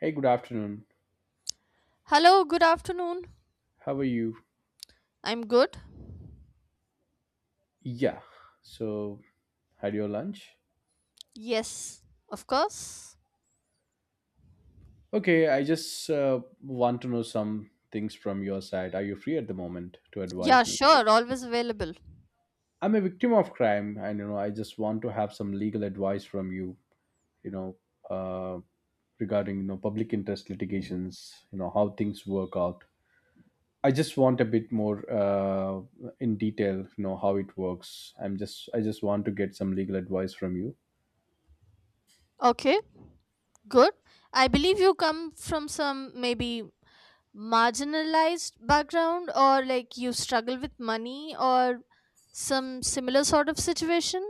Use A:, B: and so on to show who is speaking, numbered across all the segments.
A: Hey, good afternoon.
B: Hello, good afternoon.
A: How are you?
B: I'm good.
A: Yeah. So, had your lunch?
B: Yes, of course.
A: Okay, I just want to know some things from your side. Are you free at the moment to
B: Yeah,
A: advise me?
B: sure, always available.
A: I'm a victim of crime, and you know, I just want to have some legal advice from you. You know, uh, regarding you know public interest litigations. You know how things work out. I just want a bit more in detail. You know how it works. I just want to get some legal advice from you.
B: Okay, good. I believe you come from some maybe marginalized background, or like you struggle with money or some similar sort of situation.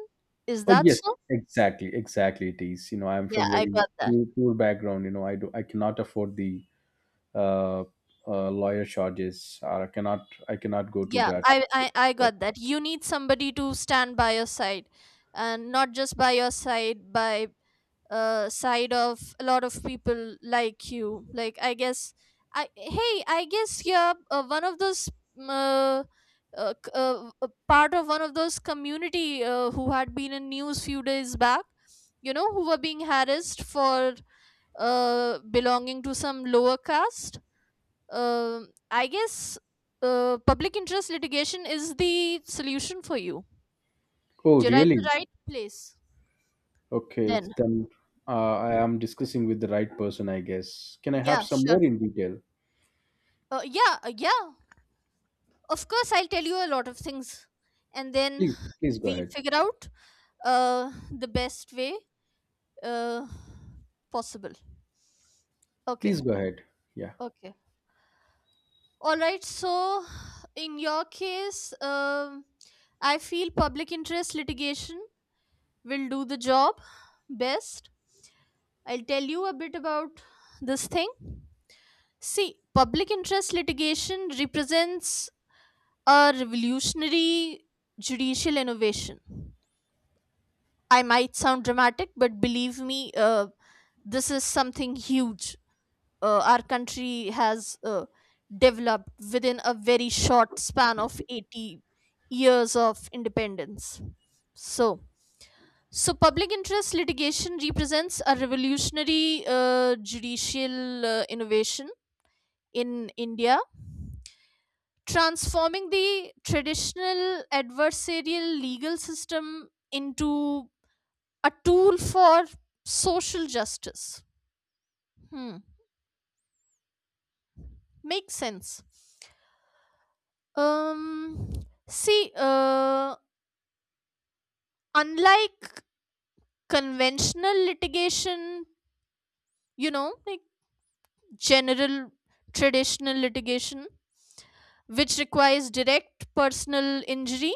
B: Is
A: Oh
B: that
A: yes,
B: so?
A: exactly, exactly. It is. You know, I'm
B: Yeah,
A: from
B: I
A: very
B: got that.
A: poor background. You know, I cannot afford the uh, lawyer charges, or I cannot go to
B: Yeah,
A: that.
B: I got that. You need somebody to stand by your side, and not just by your side, by side of a lot of people like you. I guess you're one of those mm, uh, part of one of those community who had been in news few days back. You know who were being harassed for belonging to some lower caste. I guess public interest litigation is the solution for you.
A: Oh
B: You're at the
A: really?
B: right place.
A: Okay, it's
B: Then
A: then I am discussing with the right person, I guess. Can I have
B: yeah,
A: some
B: sure.
A: more in detail?
B: Yeah. Of course, I'll tell you a lot of things, and then
A: Please, please go
B: we'll
A: ahead.
B: figure out the best way uh, possible.
A: Please
B: Okay,
A: go ahead. Yeah.
B: okay. All right, so in your case, I feel public interest litigation will do the job best. I'll tell you a bit about this thing. See, public interest litigation represents a revolutionary judicial innovation. I might sound dramatic, but believe me, this is something huge. Our country has developed within a very short span of 80 years of independence. So, so, public interest litigation represents a revolutionary judicial innovation in India, transforming the traditional adversarial legal system into a tool for social justice. Hmm, makes sense. Um, See, unlike conventional litigation, you know, like general traditional litigation, which requires direct personal injury,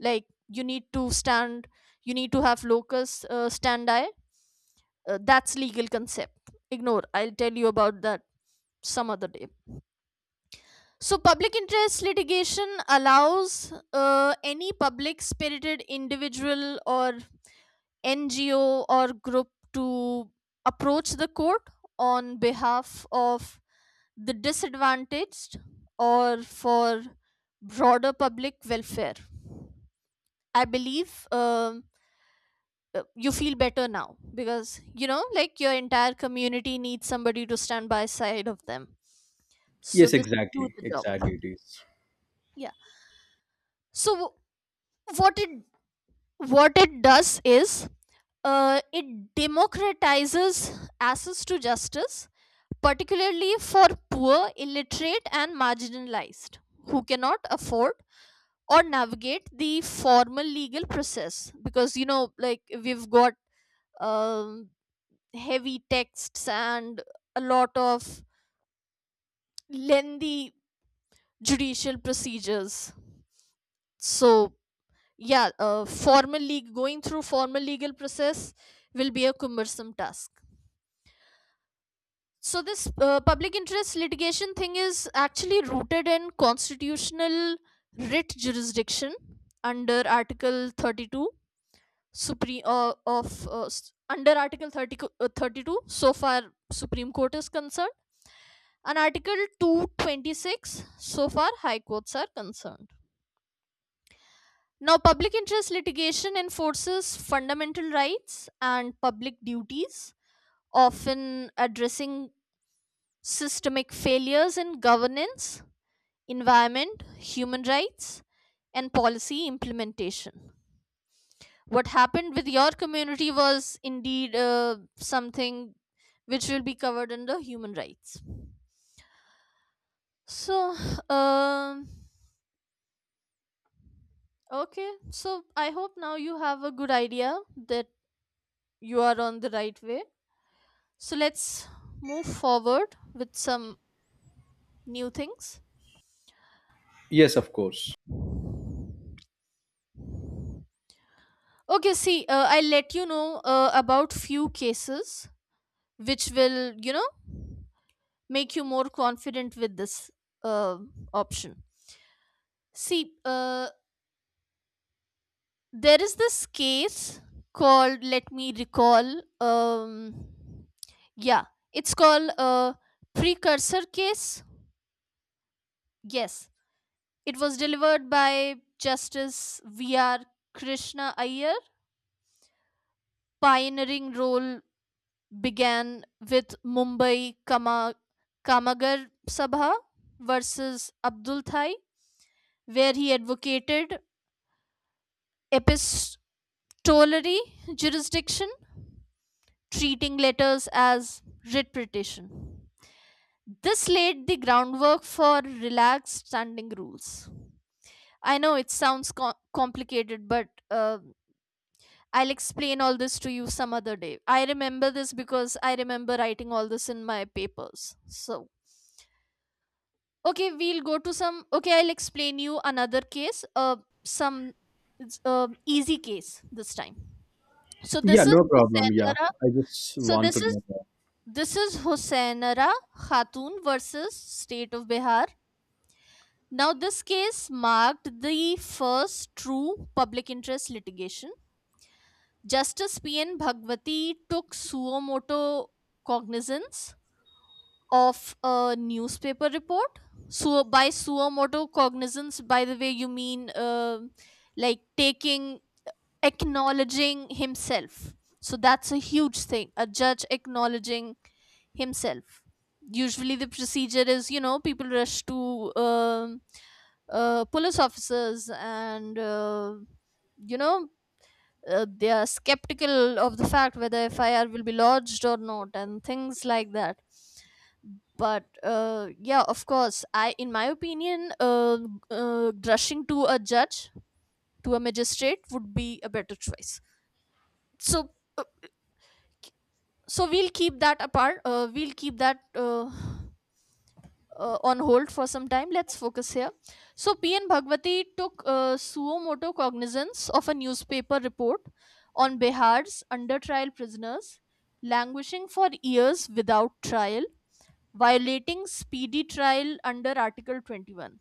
B: like you need to stand, you need to have locus standi. That's legal concept. Ignore. I'll tell you about that some other day. So, public interest litigation allows any public spirited individual or NGO or group to approach the court on behalf of the disadvantaged or for broader public welfare. I believe you feel better now, because you know, like your entire community needs somebody to stand by side of them. So
A: Yes,
B: this do
A: exactly,
B: the
A: exactly.
B: job.
A: It is.
B: Yeah. So what it what it does is it democratizes access to justice, particularly for poor illiterate and marginalized who cannot afford or navigate the formal legal process, because you know, like we've got um, heavy texts and a lot of lengthy judicial procedures. So yeah, formal league going through formal legal process will be a cumbersome task. So this public interest litigation thing is actually rooted in constitutional writ jurisdiction under Article 32, supreme under Article 30, 32, so far supreme court is concerned, and Article 226 so far high courts are concerned. Now, public interest litigation enforces fundamental rights and public duties, often addressing systemic failures in governance, environment, human rights, and policy implementation. What happened with your community was indeed something which will be covered under human rights. So, um, okay, so I hope now you have a good idea that you are on the right way. So let's move forward with some new things.
A: Yes, of course.
B: Okay, see, I'll let you know about few cases which will, you know, make you more confident with this uh, option. See, there is this case called, let me recall, yeah, it's called a precursor case. Yes, it was delivered by Justice V.R. Krishna Iyer. Pioneering role began with Mumbai Kamagar Sabha versus Abdul Thai, where he advocated epistolary jurisdiction, treating letters as writ petition. This laid the groundwork for relaxed standing rules. I know it sounds complicated, but I'll explain all this to you some other day. I remember this because I remember writing all this in my papers. So, okay, we'll go to some. Okay, I'll explain you another case, some, it's, easy case this time. So
A: Yeah,
B: this is
A: no problem. Yeah,
B: Husainara.
A: I just
B: So
A: want to
B: this is
A: know.
B: Husainara Khatun versus State of Bihar. Now this case marked the first true public interest litigation. Justice pn bhagwati took suo moto cognizance of a newspaper report. So by suomoto cognizance, by the way, you mean like taking, acknowledging himself. So that's a huge thing, a judge acknowledging himself. Usually the procedure is, you know, people rush to police officers, and you know, they are skeptical of the fact whether FIR will be lodged or not, and things like that. But yeah, of course, in my opinion, rushing to a judge, to a magistrate, would be a better choice. So, uh, so we'll keep that apart. We'll keep that on hold for some time. Let's focus here. So, PN Bhagwati took suomoto cognizance of a newspaper report on Bihar's under trial prisoners, languishing for years without trial, violating speedy trial under Article 21.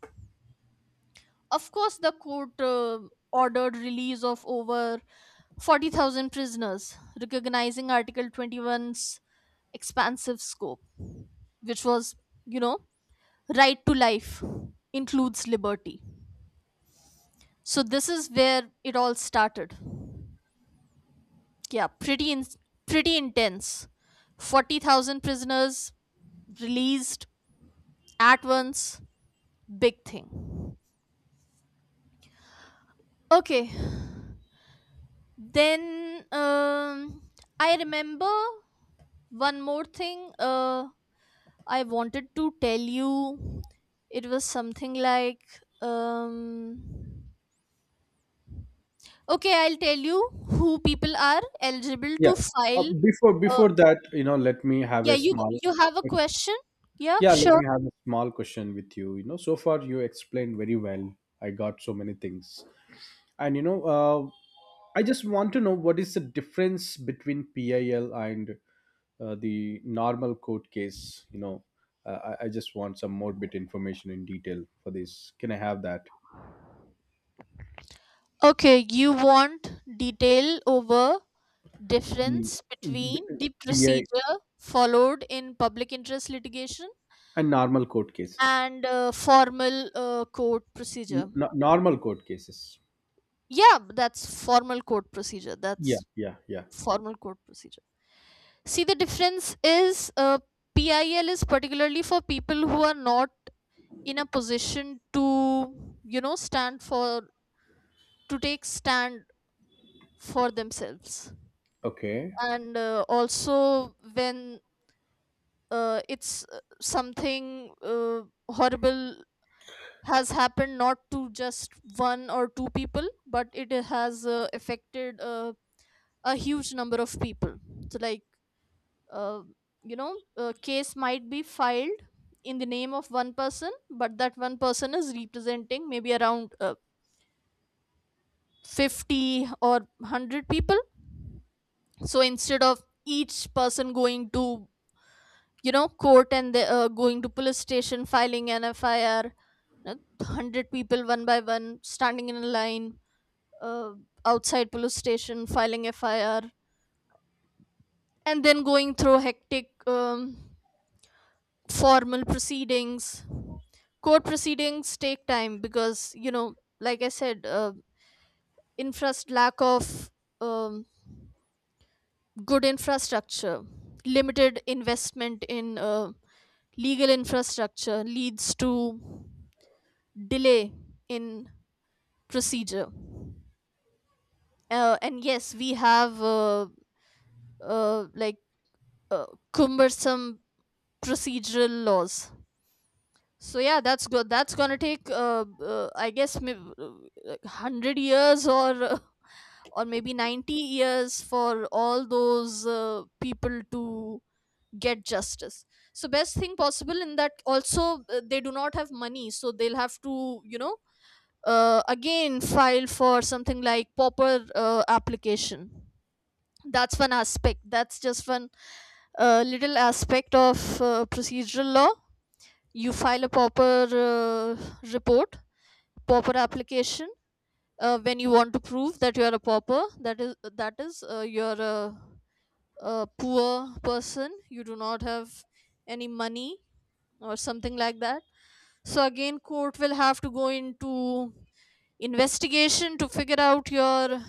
B: Of course, the court ordered release of over 40,000 prisoners, recognizing Article 21's expansive scope, which was, you know, right to life includes liberty. So this is where it all started. Yeah, pretty intense. 40,000 prisoners released at once. Big thing. Okay, then I remember one more thing I wanted to tell you. It was something like um, okay, I'll tell you who people are eligible
A: Yeah.
B: to
A: Uh,
B: file.
A: before
B: Uh,
A: before that, you know, let me have
B: yeah,
A: a
B: you
A: small.
B: you have a question? Yeah,
A: Yeah, let
B: sure.
A: me have a small question with you. You know, so far you explained very well. I got so many things, and I just want to know what is the difference between PIL and the normal court case. You know, I just want some more bit information in detail for this. Can I have that?
B: Okay, you want detail over
A: The
B: difference
A: b-
B: between the
A: P I
B: procedure followed in public interest litigation
A: and normal court cases.
B: and formal court procedure.
A: Normal court cases.
B: Yeah, that's formal court procedure.
A: Yeah,
B: That's
A: yeah, yeah.
B: formal court procedure. See, the difference is PIL is particularly for people who are not in a position to, you know, stand for to take stand for themselves,
A: Okay.
B: and also when it's something horrible has happened, not to just one or two people, but it has affected a huge number of people. So like, uh, you know, a case might be filed in the name of one person, but that one person is representing maybe around 50 or 100 people. So instead of each person going to, you know, court going to police station filing an FIR, 100 people one by one standing in a line uh, outside police station filing FIR, and then going through hectic formal proceedings. Court proceedings take time, because you know, like I said, infrast lack of um, good infrastructure, limited investment in legal infrastructure leads to delay in procedure. And yes, we have like uh, cumbersome procedural laws. So yeah, that's good. That's gonna take, I guess, maybe 100 years or maybe 90 years for all those people to get justice. So best thing possible, in that also they do not have money, so they'll have to, you know, again file for something like pauper application. That's one aspect. That's just one little aspect of procedural law. You file a pauper report, pauper application, when you want to prove that you are a pauper, that is, your a poor person, you do not have any money or something like that. So again, court will have to go into investigation to figure out your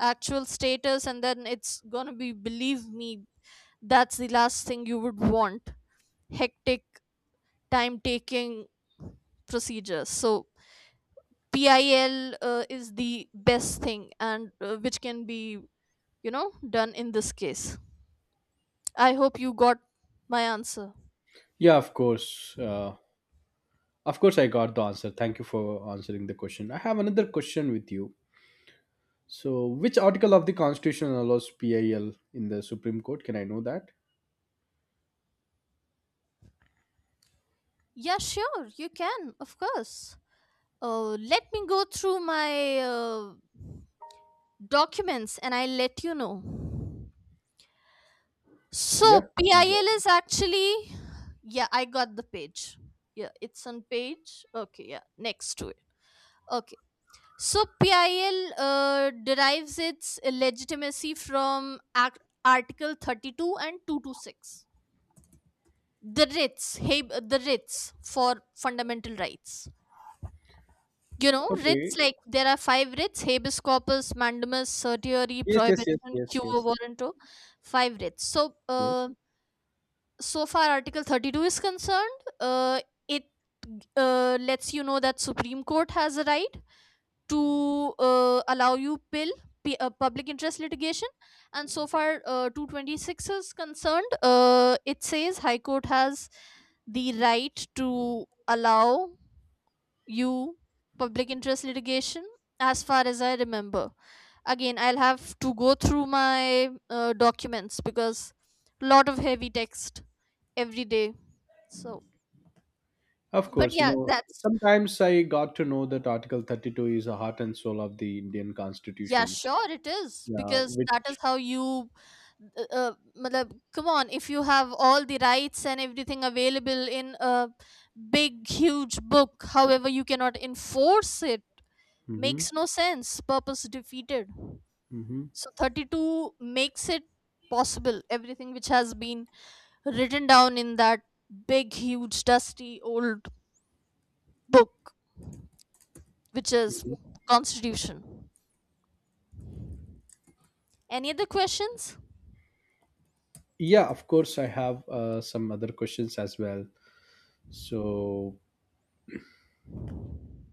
B: actual status, and then it's gonna be, believe me, that's the last thing you would want. Hectic, time taking procedures. So PIL is the best thing, and which can be, you know, done in this case. I hope you got my answer.
A: Yeah, of course. I got the answer. Thank you for answering the question. I have another question with you. So, which article of the Constitution allows PIL in the Supreme Court? Can I know that?
B: Yeah, sure, you can, of course. Let me go through my documents, and I'll let you know. So,
A: Yeah. No
B: PIL
A: problem.
B: is actually. Yeah, I got the page. Yeah, it's on page. Okay, yeah, next to it. Okay. So, PIL derives its legitimacy from Article 32 and 226. The writs, hey, the writs for fundamental rights. You know,
A: Okay.
B: writs, like there are five writs: habeas corpus, mandamus, certiorari,
A: Yes, yes, yes,
B: prohibition,
A: yes,
B: cure
A: yes,
B: warranto, five writs. So,
A: yes.
B: so far, Article 32 is concerned. It lets you know that Supreme Court has a right to allow you public interest litigation. And so far, 226 is concerned, it says high court has the right to allow you public interest litigation, as far as I remember. Again, I'll have to go through my documents, because lot of heavy text every day. So,
A: Of
B: but
A: course, you
B: yeah,
A: know,
B: that's...
A: sometimes I got to know that Article 32 is the heart and soul of the Indian
B: Yeah,
A: constitutions.
B: sure it is,
A: Yeah,
B: because that is
A: which.
B: how you matlab, come on, if you have all the rights and everything available in a big huge book, however you cannot enforce it,
A: Hmm.
B: makes no sense. Purpose defeated.
A: Hmm.
B: So 32 makes it possible, everything which has been written down in that big, huge, dusty old book, which is Constitution. Any other questions?
A: Yeah, of course, I have some other questions as well. So,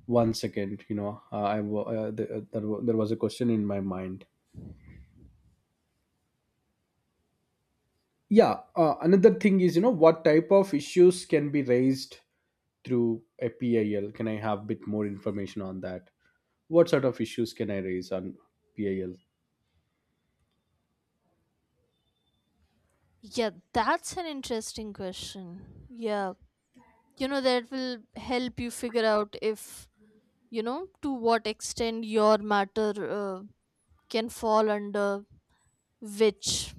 A: one second, you know I wa- th- there, wa- there was a question in my mind. Yeah, another thing is, you know, what type of issues can be raised through a PIL? Can I have bit more information on that? What sort of issues can I raise on PIL?
B: Yeah, that's an interesting question. Yeah, you know, that will help you figure out if, you know, to what extent your matter uh, can fall under which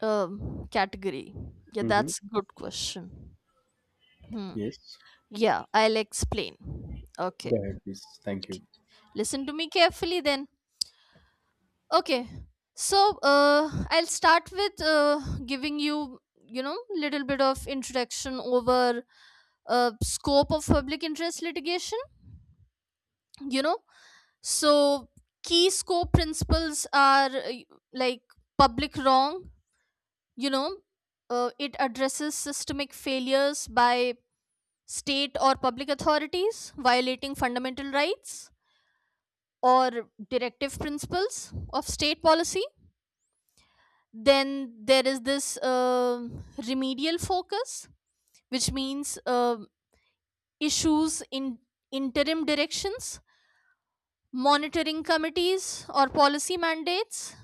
B: category. Yeah,
A: Hmm.
B: that's a good question. Hmm.
A: Yes.
B: Yeah, I'll explain. Okay.
A: Go ahead, please. Thank
B: Okay.
A: you.
B: Listen to me carefully then. Okay. So, I'll start with giving you, you know, little bit of introduction over scope of public interest litigation, you know. So, key scope principles are like public wrong, you know, it addresses systemic failures by state or public authorities violating fundamental rights or directive principles of state policy. Then there is this remedial focus, which means issues in interim directions, monitoring committees, or policy mandates.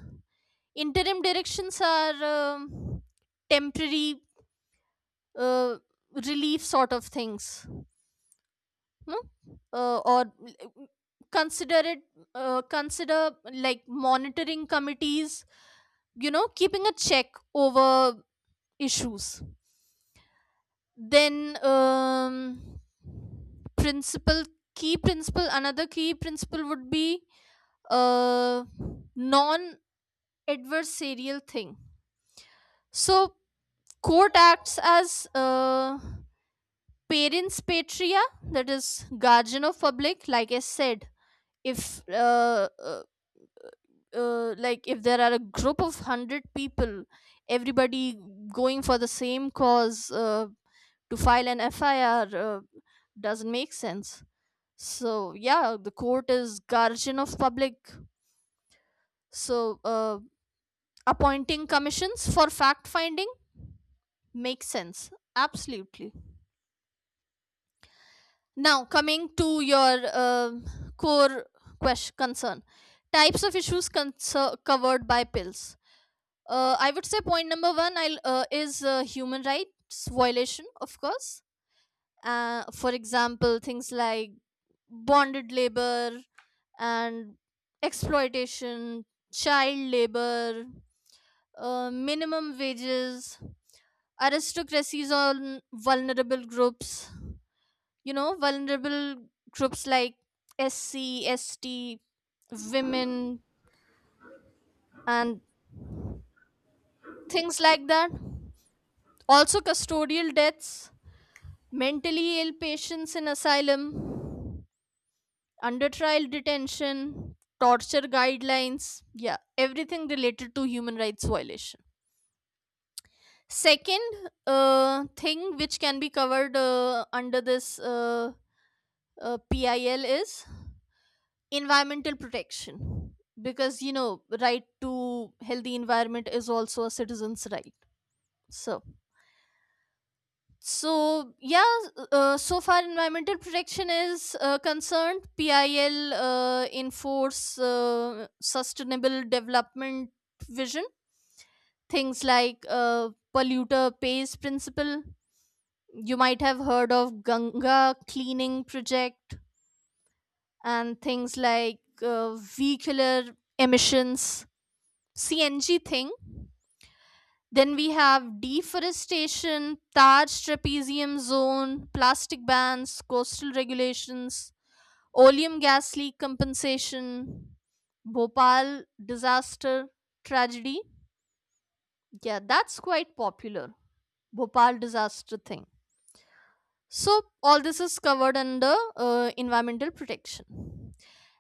B: Interim directions are temporary uh, relief sort of things, no? Or consider it, consider like monitoring committees, you know, keeping a check over issues. Then principle key principle, another key principle would be uh non adversarial thing. So court acts as parents patria, that is guardian of public. Like I said, if like if there are a group of 100 people, everybody going for the same cause, to file an FIR, doesn't make sense. So yeah, the court is guardian of public. So appointing commissions for fact finding makes sense. Absolutely. Now coming to your core question concern, types of issues covered by pills. I would say point number one is human rights violation, of course. For example, things like bonded labor, and exploitation, child labor, minimum wages, aristocracies on vulnerable groups, you know, vulnerable groups like SC, ST, women, and things like that. Also, custodial deaths, mentally ill patients in asylum, under trial detention, torture guidelines, yeah, everything related to human rights violation. Second thing which can be covered under this PIL is environmental protection, because you know right to healthy environment is also a citizen's right. So so yeah, so far environmental protection is concerned, pil enforce sustainable development vision, things like polluter pays principle. You might have heard of Ganga cleaning project, and things like vehicular emissions, CNG thing. Then we have deforestation, Taj trapezium zone, plastic bans, coastal regulations, oleum gas leak compensation, Bhopal disaster tragedy. Yeah, that's quite popular. Bhopal disaster thing. So, all this is covered under environmental protection.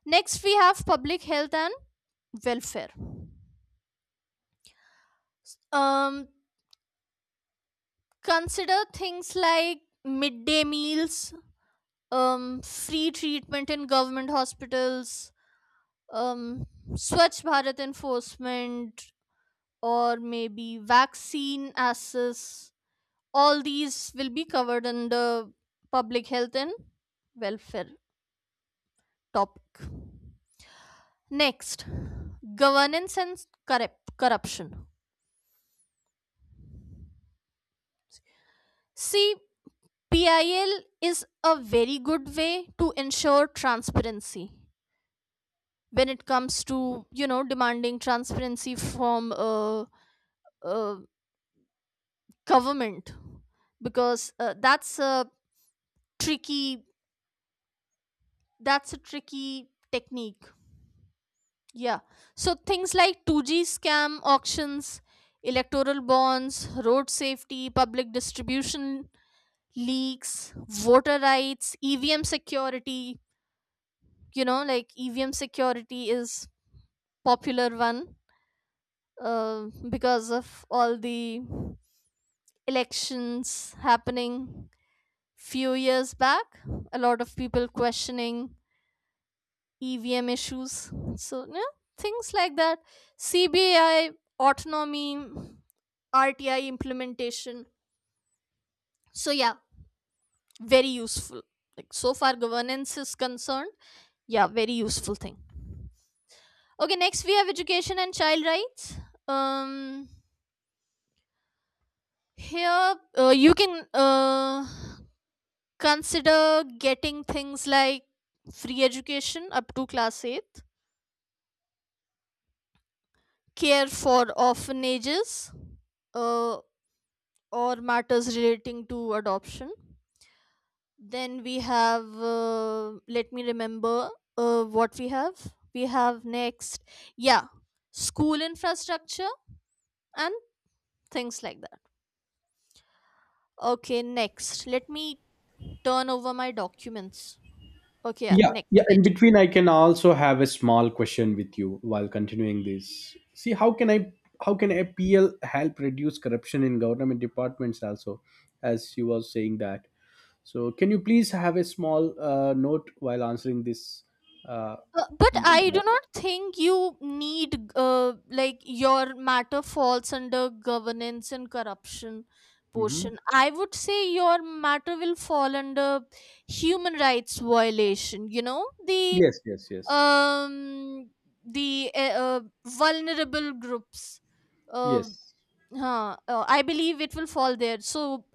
B: Next, we have public health and welfare. Um, consider things like midday meals, free treatment in government hospitals, um, Swachh Bharat enforcement, or maybe vaccine access. All these will be covered under public health and welfare topic. Next, governance and corruption. See, PIL is a very good way to ensure transparency when it comes to, you know, demanding transparency from uh, government, because tricky that's a tricky technique. Yeah. So things like 2G scam auctions, electoral bonds, road safety, public distribution leaks, voter rights, EVM security. You know, like EVM security is popular one because of all the elections happening few years back. A lot of people questioning EVM issues. So yeah, things like that. CBI autonomy, RTI implementation. So yeah, very useful. Like so far governance is concerned, yeah, very useful thing. Okay, next we have education and child rights. um here you can consider getting things like free education up to class 8, care for orphanages, uh, or matters relating to adoption. Then we have, let me remember what we have next. Yeah, school infrastructure and things like that. Okay, next. Let me turn over my documents. Okay, yeah,
A: Yeah,
B: next
A: yeah. In
B: page.
A: between, I can also have a small question with you while continuing this. See, how can APL help reduce corruption in government departments also, as you were saying that. So, can you please have a small note while answering this? Uh,
B: But I
A: mm-hmm.
B: do not think you need, like, your matter falls under governance and corruption portion. I would say your matter will fall under human rights violation, you know,
A: Yes, yes, yes,
B: um, the uh, vulnerable groups. uh,
A: yes,
B: I believe it will fall there. So,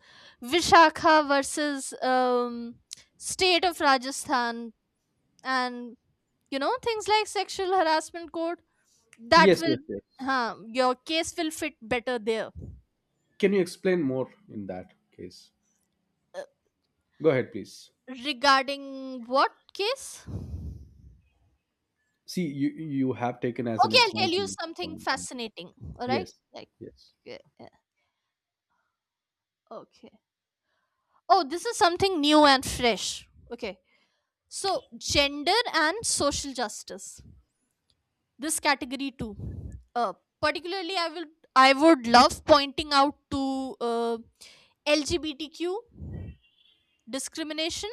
B: Vishakha versus state of Rajasthan, and you know things like sexual harassment code. That
A: yes,
B: will,
A: yes, yes.
B: your case will fit better there.
A: Can you explain more in that case?
B: Uh,
A: Go ahead, please.
B: regarding what case?
A: See, you have taken as an
B: Okay, I'll tell you
A: example.
B: something fascinating. All right,
A: Yes,
B: like
A: yes.
B: uh, uh, okay. Oh, this is something new and fresh. Okay, so gender and social justice. This category too, uh, particularly I will I would love pointing out to uh, LGBTQ discrimination,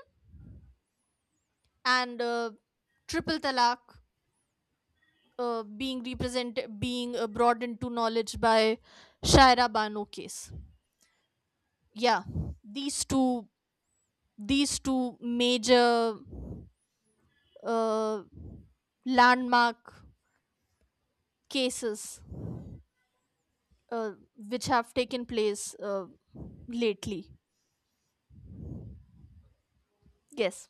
B: and triple talaq, being represented being brought into knowledge by Shaira Bano case. Yeah, these two these two major uh, landmark cases uh, which have taken place uh, lately. Yes,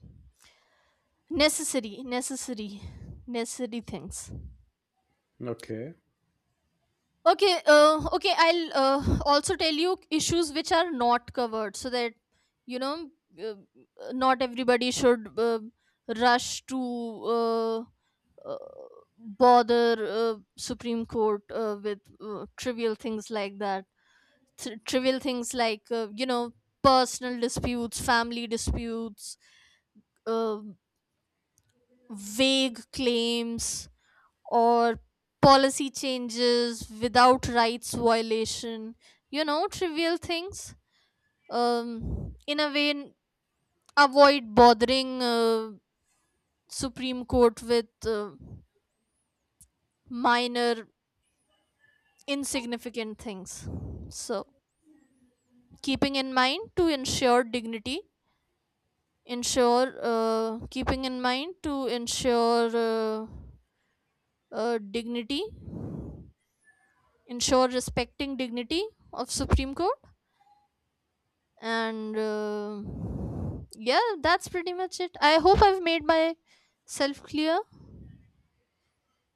B: necessary necessary necessary things.
A: Okay.
B: Okay, okay, I'll also tell you issues which are not covered, so that you know uh, not everybody should rush to uh, uh, bother Supreme Court with trivial things like that. Trivial things like, you know, personal disputes, family disputes, uh, vague claims, or policy changes without rights violation, you know, trivial things. In a way, avoid bothering Supreme Court with minor insignificant things. So keeping in mind to ensure dignity, ensure keeping in mind to ensure dignity, ensure respecting dignity of Supreme Court. And yeah, that's pretty much it. I hope I've made myself clear.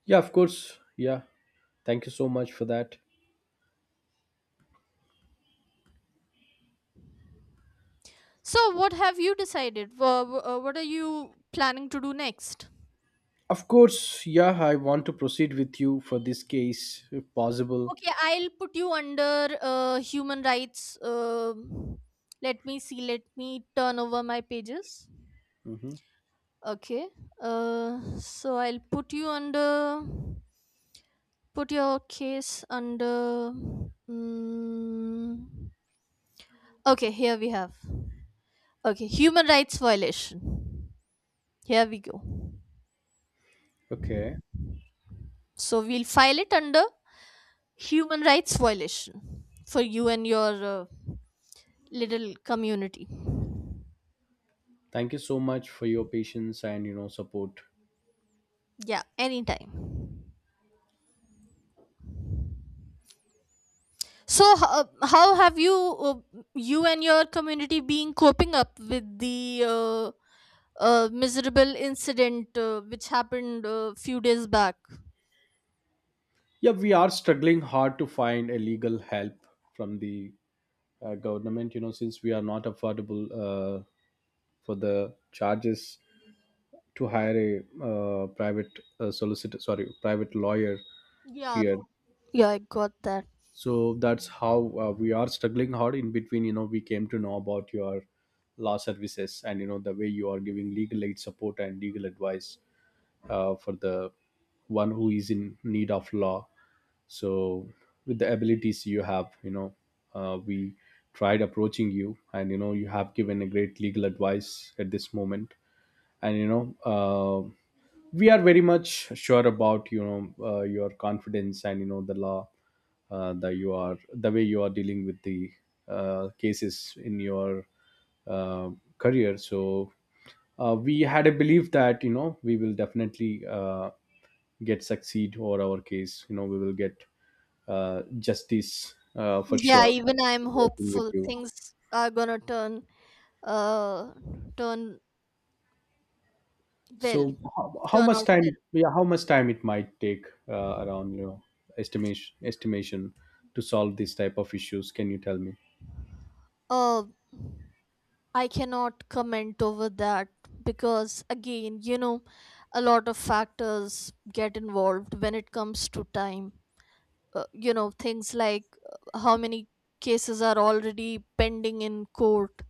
A: Yeah, of course. Yeah. Thank you so much for that.
B: So what have you decided? What are you planning to do next?
A: Of course. Yeah, I want to proceed with you for this case if possible.
B: Okay, I'll put you under human rights. Let me see, let me turn over my pages.
A: Hmm.
B: Okay. So I'll put you under, put your case under, mm, okay, here we have. Okay, human rights violation. Here we go.
A: Okay.
B: So we'll file it under human rights violation for you and your little community.
A: Thank you so much for your patience and, you know, support.
B: Yeah, anytime. So how have you you and your community been coping up with the miserable incident which happened a few days back?
A: Yeah, we are struggling hard to find a legal help from the government, you know, since we are not affordable for the charges to hire a private solicitor, sorry, private lawyer
B: Yeah,
A: here.
B: yeah, I got that.
A: So that's how we are struggling hard. In between, you know, we came to know about your law services and you know the way you are giving legal aid support and legal advice for the one who is in need of law. So with the abilities you have, you know, we tried approaching you and you know you have given a great legal advice at this moment, and you know, we are very much sure about, you know, your confidence and you know the law, that you are the way you are dealing with the cases in your uh, career. So we had a belief that you know we will definitely get succeed or our case, you know we will get justice for
B: Yeah,
A: sure
B: even I'm
A: working with
B: hopeful
A: you.
B: things are gonna turn, uh turn well
A: So how
B: turn
A: much
B: out
A: time?
B: well.
A: Yeah, how much time it might take, around, you know, estimation, estimation, to solve these type of issues? Can you tell me?
B: uh I cannot comment over that, because again, you know, a lot of factors get involved when it comes to time. You know, things like how many cases are already pending in court,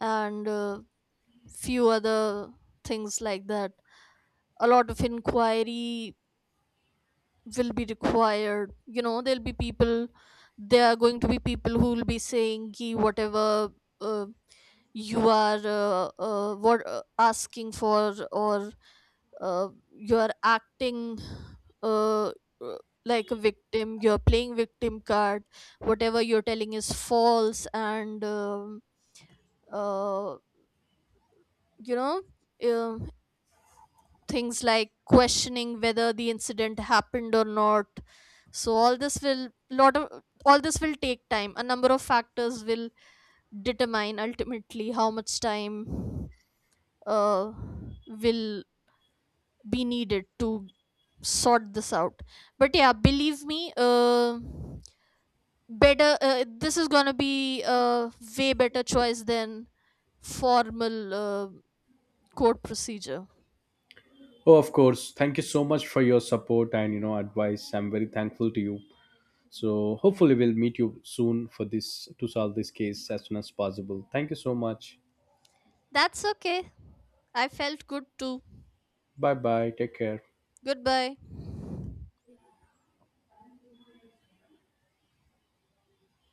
B: and few other things like that. A lot of inquiry will be required. You know, there are going to be people who will be saying "Ki whatever uh, you are what asking for, or you are acting uh, uh, like a victim, you're playing victim card, whatever you're telling is false," and uh, you know, um, things like questioning whether the incident happened or not. So all this will lot of all this will take time. A number of factors will determine ultimately how much time uh, will be needed to sort this out. But yeah, believe me, better this is gonna be a way better choice than formal court procedure.
A: Oh, of course. Thank you so much for your support and you know advice. I'm very thankful to you. So hopefully we'll meet you soon for this to solve this case as soon as possible. Thank you so much.
B: That's okay. I felt good too.
A: Bye bye. Take care.
B: Goodbye.